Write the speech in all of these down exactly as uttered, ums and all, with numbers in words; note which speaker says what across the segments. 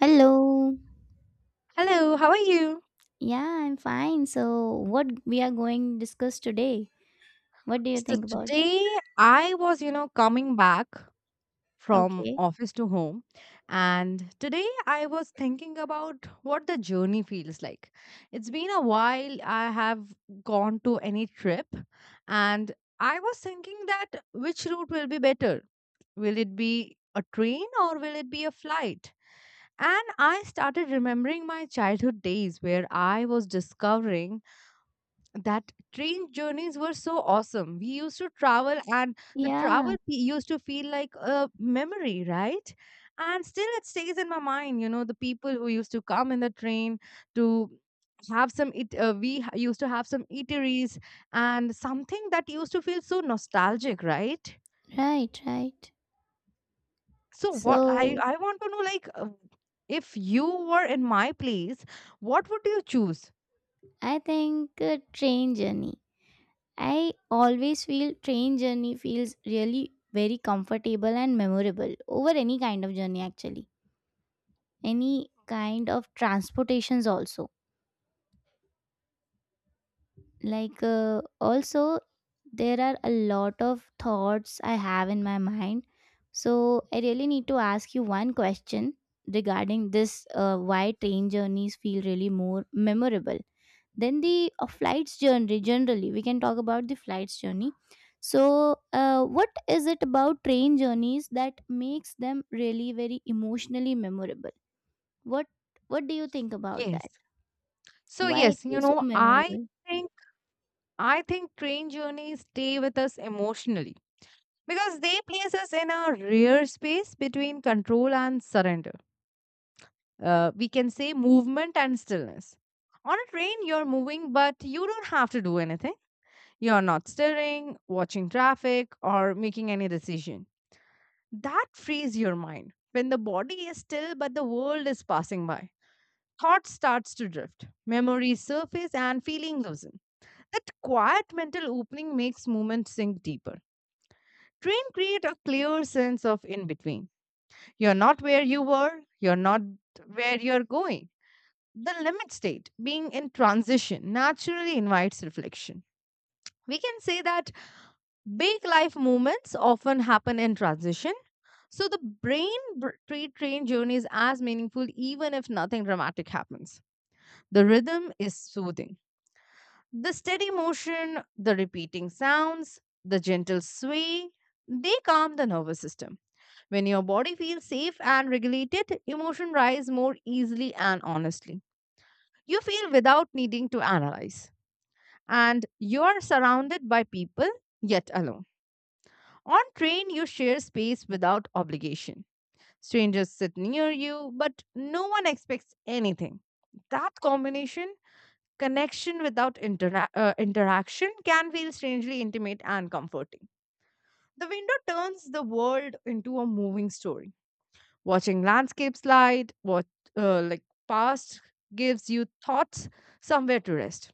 Speaker 1: Hello.
Speaker 2: Hello, how are you?
Speaker 1: Yeah, I'm fine. So, what we are going to discuss today? What do you
Speaker 2: So
Speaker 1: think about that?
Speaker 2: today I was, you know, coming back from
Speaker 1: Okay.
Speaker 2: office to home, and today I was thinking about what the journey feels like. It's been a while I have gone to any trip, and I was thinking that which route will be better? Will it be a train or will it be a flight? And I started remembering my childhood days where I was discovering that train journeys were so awesome. We used to travel, and the
Speaker 1: Yeah,
Speaker 2: travel fe- used to feel like a memory, right? And still, it stays in my mind. You know, the people who used to come in the train to have some it. Uh, we ha- used to have some eateries and something that used to feel so nostalgic, right?
Speaker 1: right, right.
Speaker 2: So, what I
Speaker 1: So,
Speaker 2: I want to know, like, uh, if you were in my place, what would you choose?
Speaker 1: I think uh, train journey. I always feel train journey feels really very comfortable and memorable over any kind of journey actually. Any kind of transportations also like uh, also there are a lot of thoughts I have in my mind, so I really need to ask you one question regarding this uh, why train journeys feel really more memorable than the uh, flights journey. Generally we can talk about the flights journey. So uh, what is it about train journeys that makes them really very emotionally memorable? what what do you think about
Speaker 2: Yes.
Speaker 1: that?
Speaker 2: So
Speaker 1: Why it
Speaker 2: yes, you
Speaker 1: is so
Speaker 2: know, I
Speaker 1: memorable?
Speaker 2: think I think train journeys stay with us emotionally because they place us in a rare space between control and surrender. Uh, we can say movement and stillness. On a train, you're moving, but you don't have to do anything. You're not stirring, watching traffic, or making any decision. That frees your mind. When the body is still, but the world is passing by, thought starts to drift, memories surface, and feeling loosen. That quiet mental opening makes movement sink deeper. Train create a clear sense of in between. You're not where you were, you're not where you're going. The limit state, being in transition, naturally invites reflection. We can say that big life moments often happen in transition. So the brain br- tra- train journey is as meaningful even if nothing dramatic happens. The rhythm is soothing. The steady motion, the repeating sounds, the gentle sway, they calm the nervous system. When your body feels safe and regulated, emotion rise more easily and honestly. You feel without needing to analyze. And you are surrounded by people, yet alone. On train, you share space without obligation. Strangers sit near you, but no one expects anything. That combination, connection without intera- uh, interaction, can feel strangely intimate and comforting. The window turns the world into a moving story. Watching landscapes slide, what uh, like past, gives you thoughts somewhere to rest.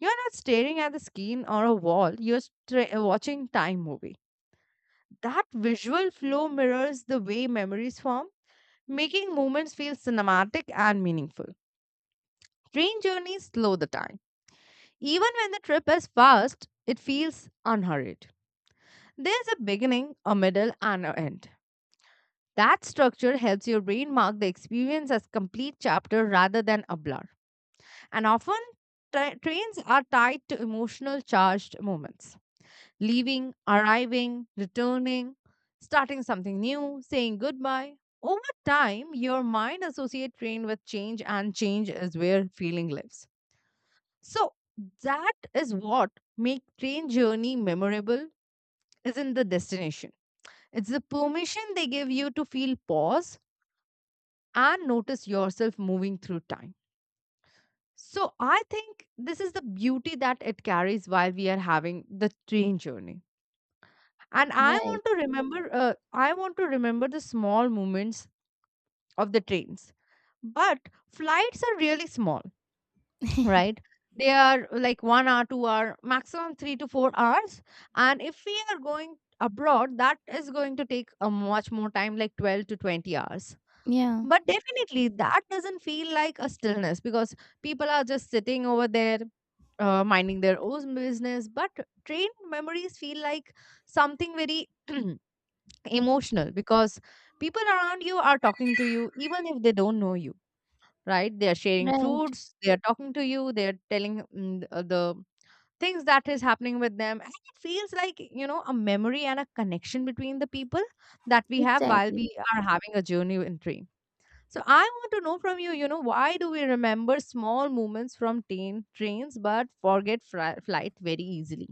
Speaker 2: You're not staring at the screen or a wall. You're stra- uh, watching time movie. That visual flow mirrors the way memories form, making moments feel cinematic and meaningful. Train journeys slow the time. Even when the trip is fast, it feels unhurried. There's a beginning, a middle, and an end. That structure helps your brain mark the experience as complete chapter rather than a blur. And often, tra- trains are tied to emotional charged moments, leaving, arriving, returning, starting something new, saying goodbye. Over time, your mind associates train with change, and change is where feeling lives. So that is what make train journey memorable isn't the destination. It's the permission they give you to feel pause and notice yourself moving through time. So I think this is the beauty that it carries while we are having the train journey. And I
Speaker 1: Right,
Speaker 2: want to remember uh, I want to remember the small moments of the trains. But flights are really small, right? They are like one hour, two hour, maximum three to four hours. And if we are going abroad, that is going to take a much more time, like twelve to twenty hours.
Speaker 1: yeah,
Speaker 2: But definitely, that doesn't feel like a stillness because people are just sitting over there, uh, minding their own business. But trained memories feel like something very emotional because people around you are talking to you, even if they don't know you, right? They are sharing
Speaker 1: right.
Speaker 2: fruits, they are talking to you, they are telling mm, uh, the things that is happening with them. And it feels like, you know, a memory and a connection between the people that we have while we
Speaker 1: Exactly.
Speaker 2: are having a journey in train. So I want to know from you, you know, why do we remember small movements from tain- trains but forget fri- flight very easily?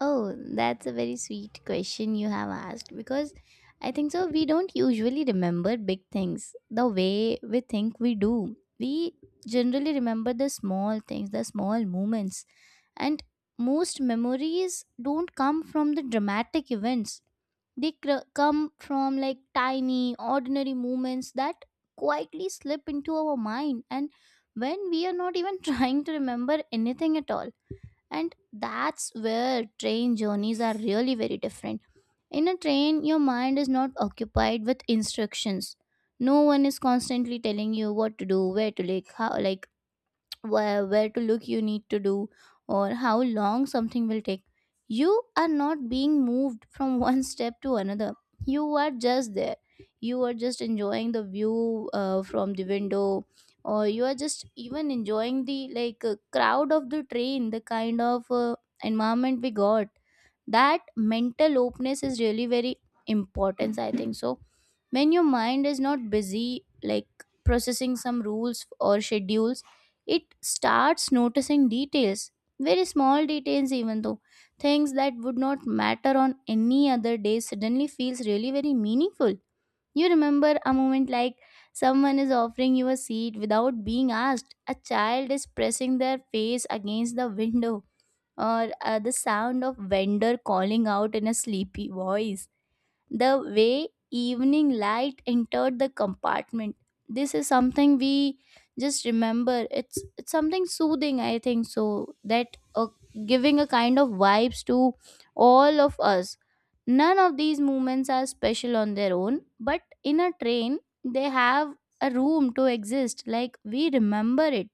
Speaker 1: Oh, that's a very sweet question you have asked because I think so. We don't usually remember big things the way we think we do. We generally remember the small things, the small moments, and most memories don't come from the dramatic events. They cr- come from like tiny, ordinary moments that quietly slip into our mind, and when we are not even trying to remember anything at all. And that's where train journeys are really very different. In a train your mind is not occupied with instructions. No one is constantly telling you what to do, where to, like, how, like, where, where to look, you need to do, or how long something will take. You are not being moved from one step to another. You are just there. You are just enjoying the view uh, from the window, or you are just even enjoying the like uh, crowd of the train, the kind of uh, environment we got. That mental openness is really very important, I think so. When your mind is not busy like processing some rules or schedules, it starts noticing details, very small details even though. Things that would not matter on any other day suddenly feels really very meaningful. You remember a moment like someone is offering you a seat without being asked, a child is pressing their face against the window, or uh, the sound of vendor calling out in a sleepy voice, the way evening light entered the compartment. This is something we just remember. It's it's something soothing, I think so, that uh, giving a kind of vibes to all of us. None of these movements are special on their own, but in a train they have a room to exist like we remember it.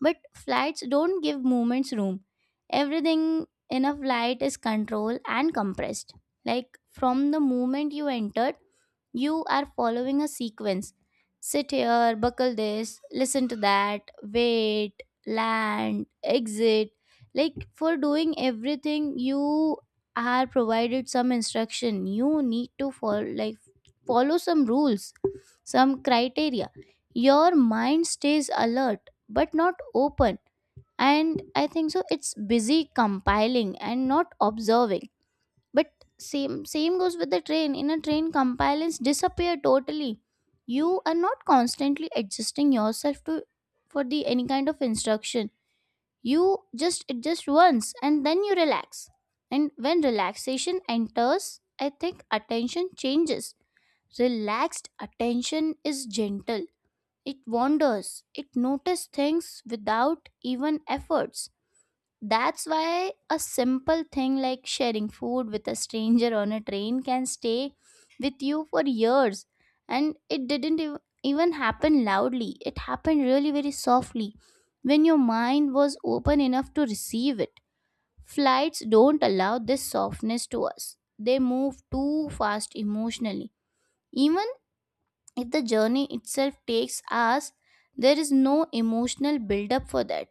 Speaker 1: But flats don't give movements room. Everything in a flight is controlled and compressed. Like from the moment you enter, you are following a sequence. Sit here, buckle this, listen to that, wait, land, exit. Like for doing everything, you are provided some instruction. You need to follow like follow some rules, some criteria. Your mind stays alert but not open, and I think so it's busy compiling and not observing. But same same goes with the train. In a train compliance disappear totally. You are not constantly adjusting yourself to for the any kind of instruction. You just adjust once and then you relax. And when relaxation enters, I think attention changes. Relaxed attention is gentle. It wanders, it notices things without even efforts. That's why a simple thing like sharing food with a stranger on a train can stay with you for years. And it didn't ev- even happen loudly, it happened really very softly when your mind was open enough to receive it. Flights don't allow this softness to us, they move too fast emotionally. Even if the journey itself takes us, there is no emotional buildup for that.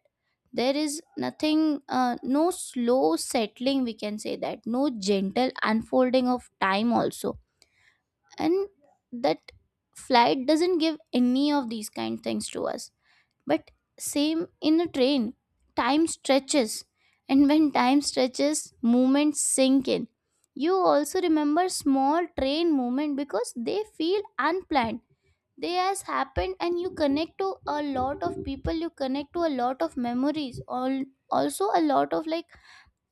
Speaker 1: There is nothing, uh, no slow settling, we can say that, no gentle unfolding of time also. And that flight doesn't give any of these kind things to us. But same in a train, time stretches. And when time stretches, movements sink in. You also remember small train movement because they feel unplanned. They has happened and you connect to a lot of people, you connect to a lot of memories, all also a lot of like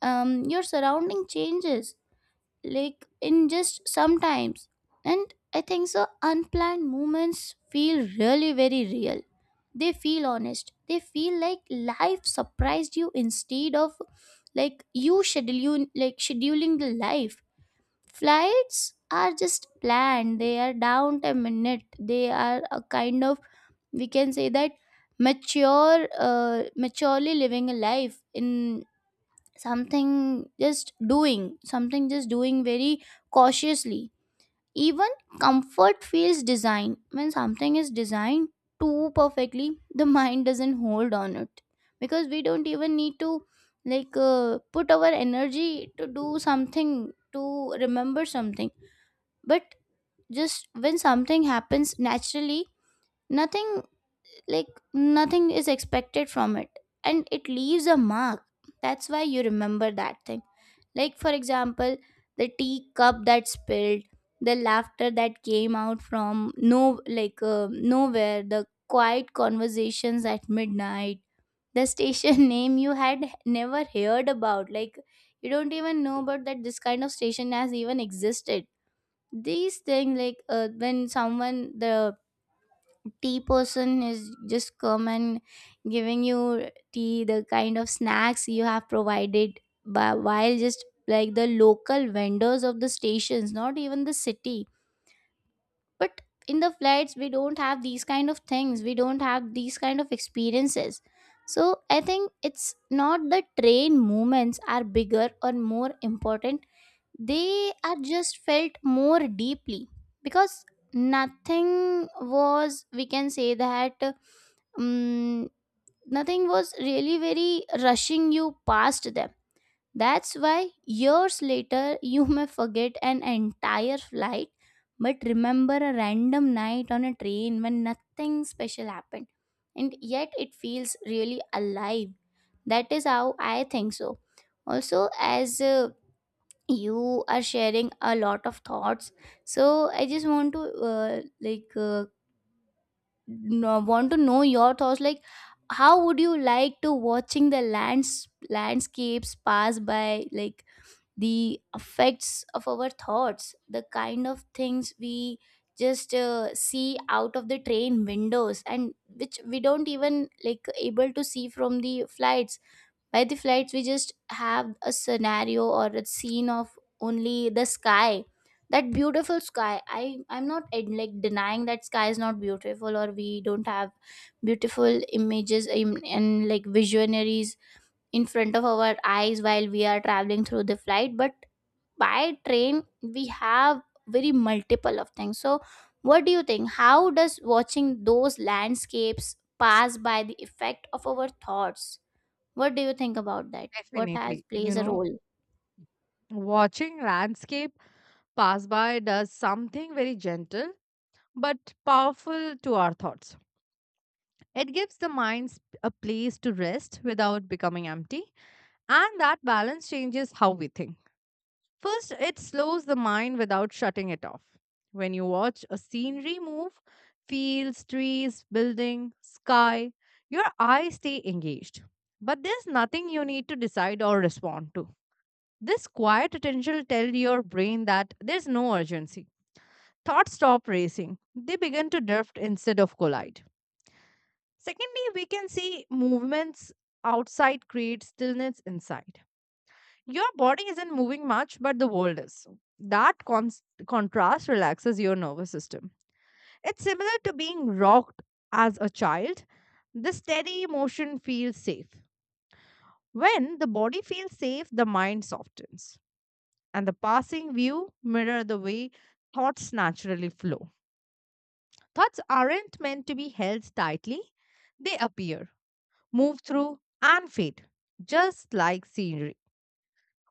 Speaker 1: um your surrounding changes like in just sometimes. And I think so unplanned moments feel really very real. They feel honest, they feel like life surprised you instead of like you scheduling like scheduling the life. Flights are just planned, they are down a minute, they are a kind of, we can say that, mature uh, maturely living a life in something. Just doing something, just doing very cautiously. Even comfort feels designed. When something is designed too perfectly, the mind doesn't hold on it, because we don't even need to like uh, put our energy to do something, to remember something. But just when something happens naturally, nothing, like, nothing is expected from it, and it leaves a mark. That's why you remember that thing. Like for example, the tea cup that spilled, the laughter that came out from no like uh, nowhere, the quiet conversations at midnight, the station name you had never heard about, like you don't even know about that this kind of station has even existed. These things, like uh, when someone, the tea person is just come and giving you tea, the kind of snacks you have provided, but while just like the local vendors of the stations, not even the city. But in the flights we don't have these kind of things, we don't have these kind of experiences. So I think it's not the train movements are bigger or more important, they are just felt more deeply, because nothing was, we can say that, um, nothing was really very rushing you past them. That's why years later you may forget an entire flight but remember a random night on a train when nothing special happened, and yet it feels really alive. That is how I think so. Also, as uh, you are sharing a lot of thoughts, so I just want to uh, like uh, no, want to know your thoughts, like how would you like to watching the lands landscapes pass by, like the effects of our thoughts, the kind of things we just uh, see out of the train windows and which we don't even like able to see from the flights. By the flights we just have a scenario or a scene of only the sky, that beautiful sky. i I'm not ad- like denying that sky is not beautiful or we don't have beautiful images in, and like visionaries in front of our eyes while we are traveling through the flight, but by train we have very multiple of things. So what do you think, how does watching those landscapes pass by the effect of our thoughts? What do you think about that? What has
Speaker 2: Definitely. You
Speaker 1: plays a
Speaker 2: know,
Speaker 1: role?
Speaker 2: watching landscape pass by does something very gentle but powerful to our thoughts. It gives the mind sp- a place to rest without becoming empty, and that balance changes how we think. First, it slows the mind without shutting it off. When you watch a scenery move, fields, trees, building, sky, your eyes stay engaged. But there's nothing you need to decide or respond to. This quiet attention will tell your brain that there's no urgency. Thoughts stop racing. They begin to drift instead of collide. Secondly, we can see movements outside create stillness inside. Your body isn't moving much, but the world is. So, that con contrast relaxes your nervous system. It's similar to being rocked as a child. The steady motion feels safe. When the body feels safe, the mind softens, and the passing view mirror the way thoughts naturally flow. Thoughts aren't meant to be held tightly, they appear, move through, and fade, just like scenery.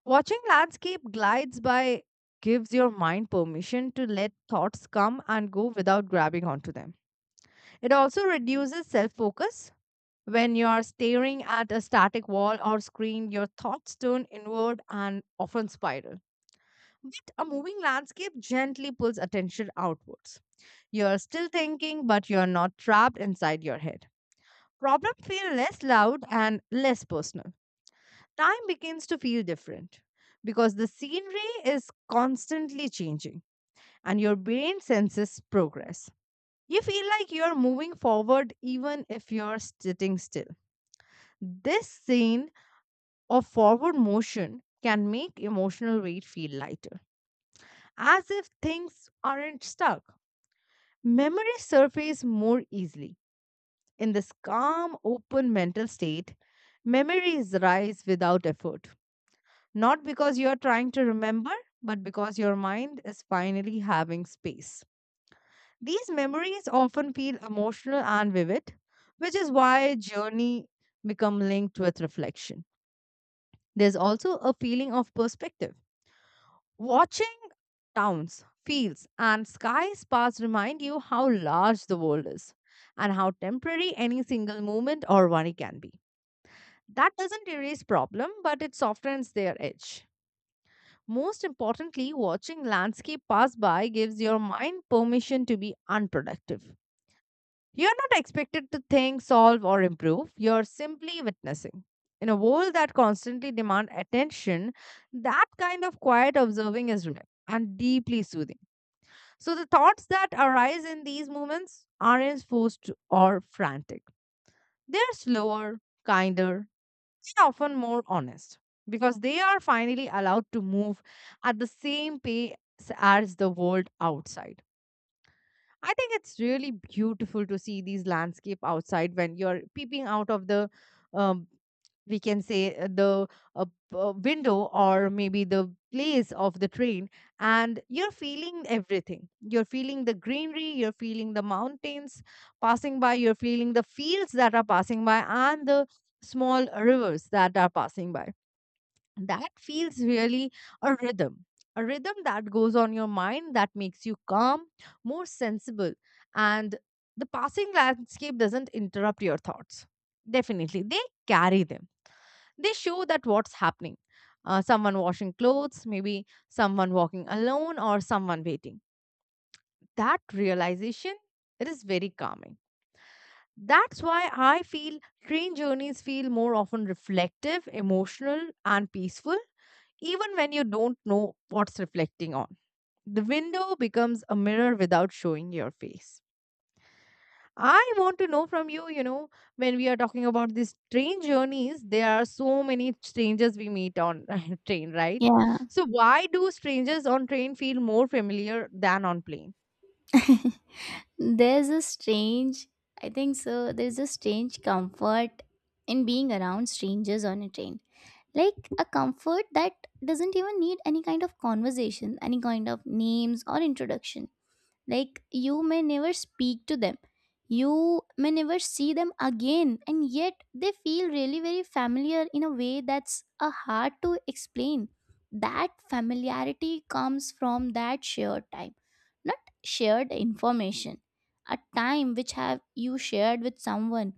Speaker 2: Watching landscape glides by gives your mind permission to let thoughts come and go without grabbing onto them. It also reduces self focus. When you are staring at a static wall or screen, your thoughts turn inward and often spiral. But a moving landscape gently pulls attention outwards. You're still thinking, but you're not trapped inside your head. Problems feel less loud and less personal. Time begins to feel different because the scenery is constantly changing and your brain senses progress. You feel like you're moving forward even if you're sitting still. This scene of forward motion can make emotional weight feel lighter, as if things aren't stuck. Memories surface more easily. In this calm, open mental state, memories rise without effort. Not because you're trying to remember, but because your mind is finally having space. These memories often feel emotional and vivid, which is why journey become linked with reflection. There's also a feeling of perspective. Watching towns, fields, and skies past remind you how large the world is and how temporary any single moment or worry can be. That doesn't erase problem, but it softens their edge. Most importantly, watching landscape pass by gives your mind permission to be unproductive. You're not expected to think, solve, or improve. You're simply witnessing. In a world that constantly demands attention, that kind of quiet observing is rare and deeply soothing. So the thoughts that arise in these moments aren't forced or frantic. They're slower, kinder, and often more honest because they are finally allowed to move at the same pace as the world outside. I think it's really beautiful to see these landscape outside when you're peeping out of the, um, we can say uh, the uh, p- uh, window, or maybe the place of the train, and you're feeling everything. You're feeling the greenery, you're feeling the mountains passing by, you're feeling the fields that are passing by, and the small rivers that are passing by. That feels really a rhythm, a rhythm that goes on your mind, that makes you calm, more sensible, and the passing landscape doesn't interrupt your thoughts. Definitely they carry them, they show that what's happening, uh, someone washing clothes, maybe someone walking alone, or someone waiting. That realization, it is very calming. That's why I feel train journeys feel more often reflective, emotional, and peaceful, even when you don't know what's reflecting on. The window becomes a mirror without showing your face. I want to know from you, you know, when we are talking about these train journeys, there are so many strangers we meet on train, right?
Speaker 1: Yeah.
Speaker 2: So why do strangers on train feel more familiar than on plane?
Speaker 1: There's a strange, I think so, there's a strange comfort in being around strangers on a train. Like a comfort that doesn't even need any kind of conversation, any kind of names or introduction. Like, you may never speak to them, you may never see them again, and yet they feel really very familiar in a way that's uh, hard to explain. That familiarity comes from that shared time, not shared information. A time which have you shared with someone.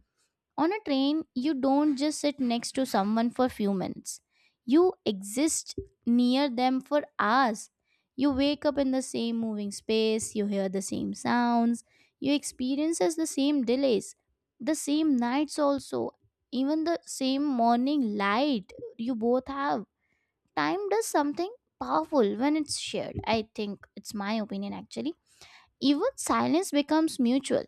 Speaker 1: On a train, you don't just sit next to someone for few minutes. You exist near them for hours. You wake up in the same moving space, you hear the same sounds, you experiences the same delays, the same nights also, even the same morning light you both have. Time does something powerful when it's shared. I think it's my opinion actually. Even silence becomes mutual.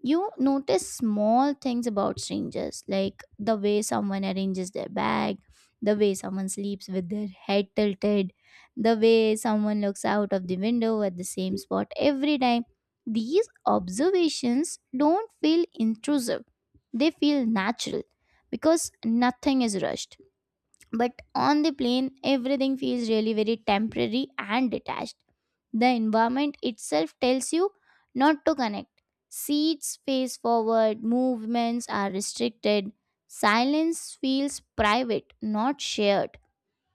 Speaker 1: You notice small things about strangers, like the way someone arranges their bag, the way someone sleeps with their head tilted, the way someone looks out of the window at the same spot every time. These observations don't feel intrusive, they feel natural because nothing is rushed. But on the plane, everything feels really very temporary and detached. The environment itself tells you not to connect. Seats face forward, movements are restricted. Silence feels private, not shared.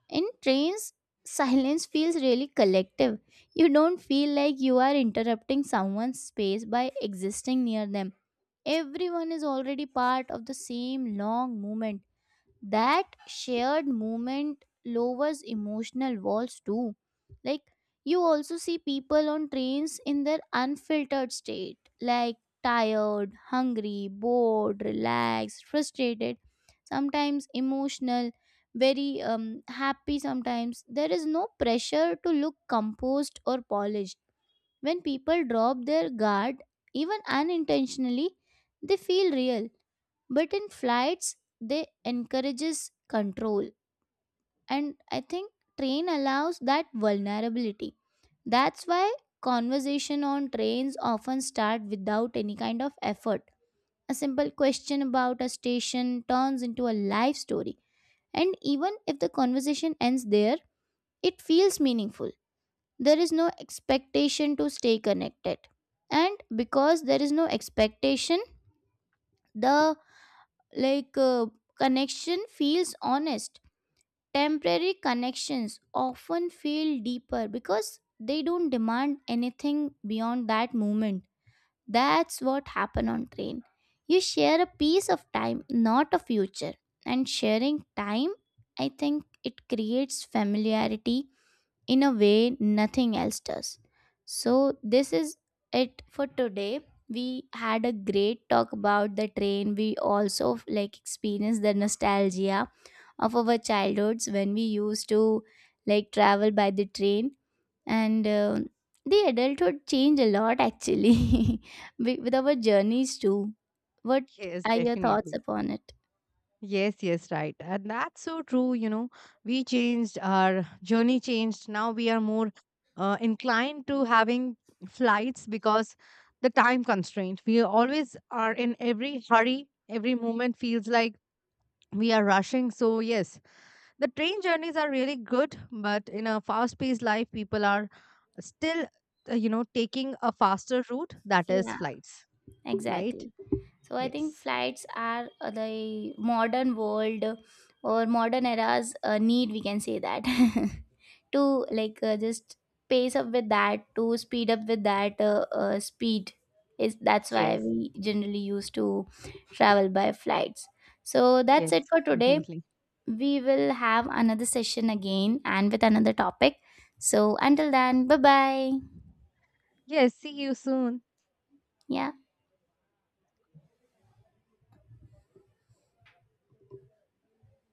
Speaker 1: In trains, silence feels really collective. You don't feel like you are interrupting someone's space by existing near them. Everyone is already part of the same long movement. That shared moment lowers emotional walls too. Like, you also see people on trains in their unfiltered state, like tired, hungry, bored, relaxed, frustrated, sometimes emotional, very um, happy sometimes. There is no pressure to look composed or polished. When people drop their guard, even unintentionally, they feel real. But in flights, they encourages control. And I think train allows that vulnerability. That's why conversation on trains often start without any kind of effort. A simple question about a station turns into a life story. And even if the conversation ends there, it feels meaningful. There is no expectation to stay connected, and because there is no expectation, the like uh, connection feels honest. Temporary connections often feel deeper because they don't demand anything beyond that moment. That's what happened on train. You share a piece of time, not a future. And sharing time, I think it creates familiarity in a way nothing else does. So, this is it for today. We had a great talk about the train. We also like experienced the nostalgia of our childhoods when we used to like travel by the train, and um the adulthood changed a lot actually with with our journeys too. What
Speaker 2: Yes,
Speaker 1: are your thoughts
Speaker 2: definitely.
Speaker 1: upon it?
Speaker 2: Yes, yes, right. And that's so true. You know, we changed, our journey changed. Now we are more uh, inclined to having flights because the time constraint. We always are in every hurry, every moment feels like we are rushing. So, yes, the train journeys are really good, but in a fast paced life, people are still, uh, you know, taking a faster route that is
Speaker 1: Yeah.
Speaker 2: flights, right?
Speaker 1: Exactly. So I think
Speaker 2: Yes,
Speaker 1: flights are uh, the modern world or modern era's uh, need, we can say that, to like uh, just pace up with that, to speed up with that uh, uh, speed. Is that's why
Speaker 2: yes,
Speaker 1: we generally used to travel by flights. So that's
Speaker 2: yes,
Speaker 1: it for today.
Speaker 2: definitely.
Speaker 1: We will have another session again and with another topic. So until then, bye bye.
Speaker 2: Yes. See you soon.
Speaker 1: Yeah.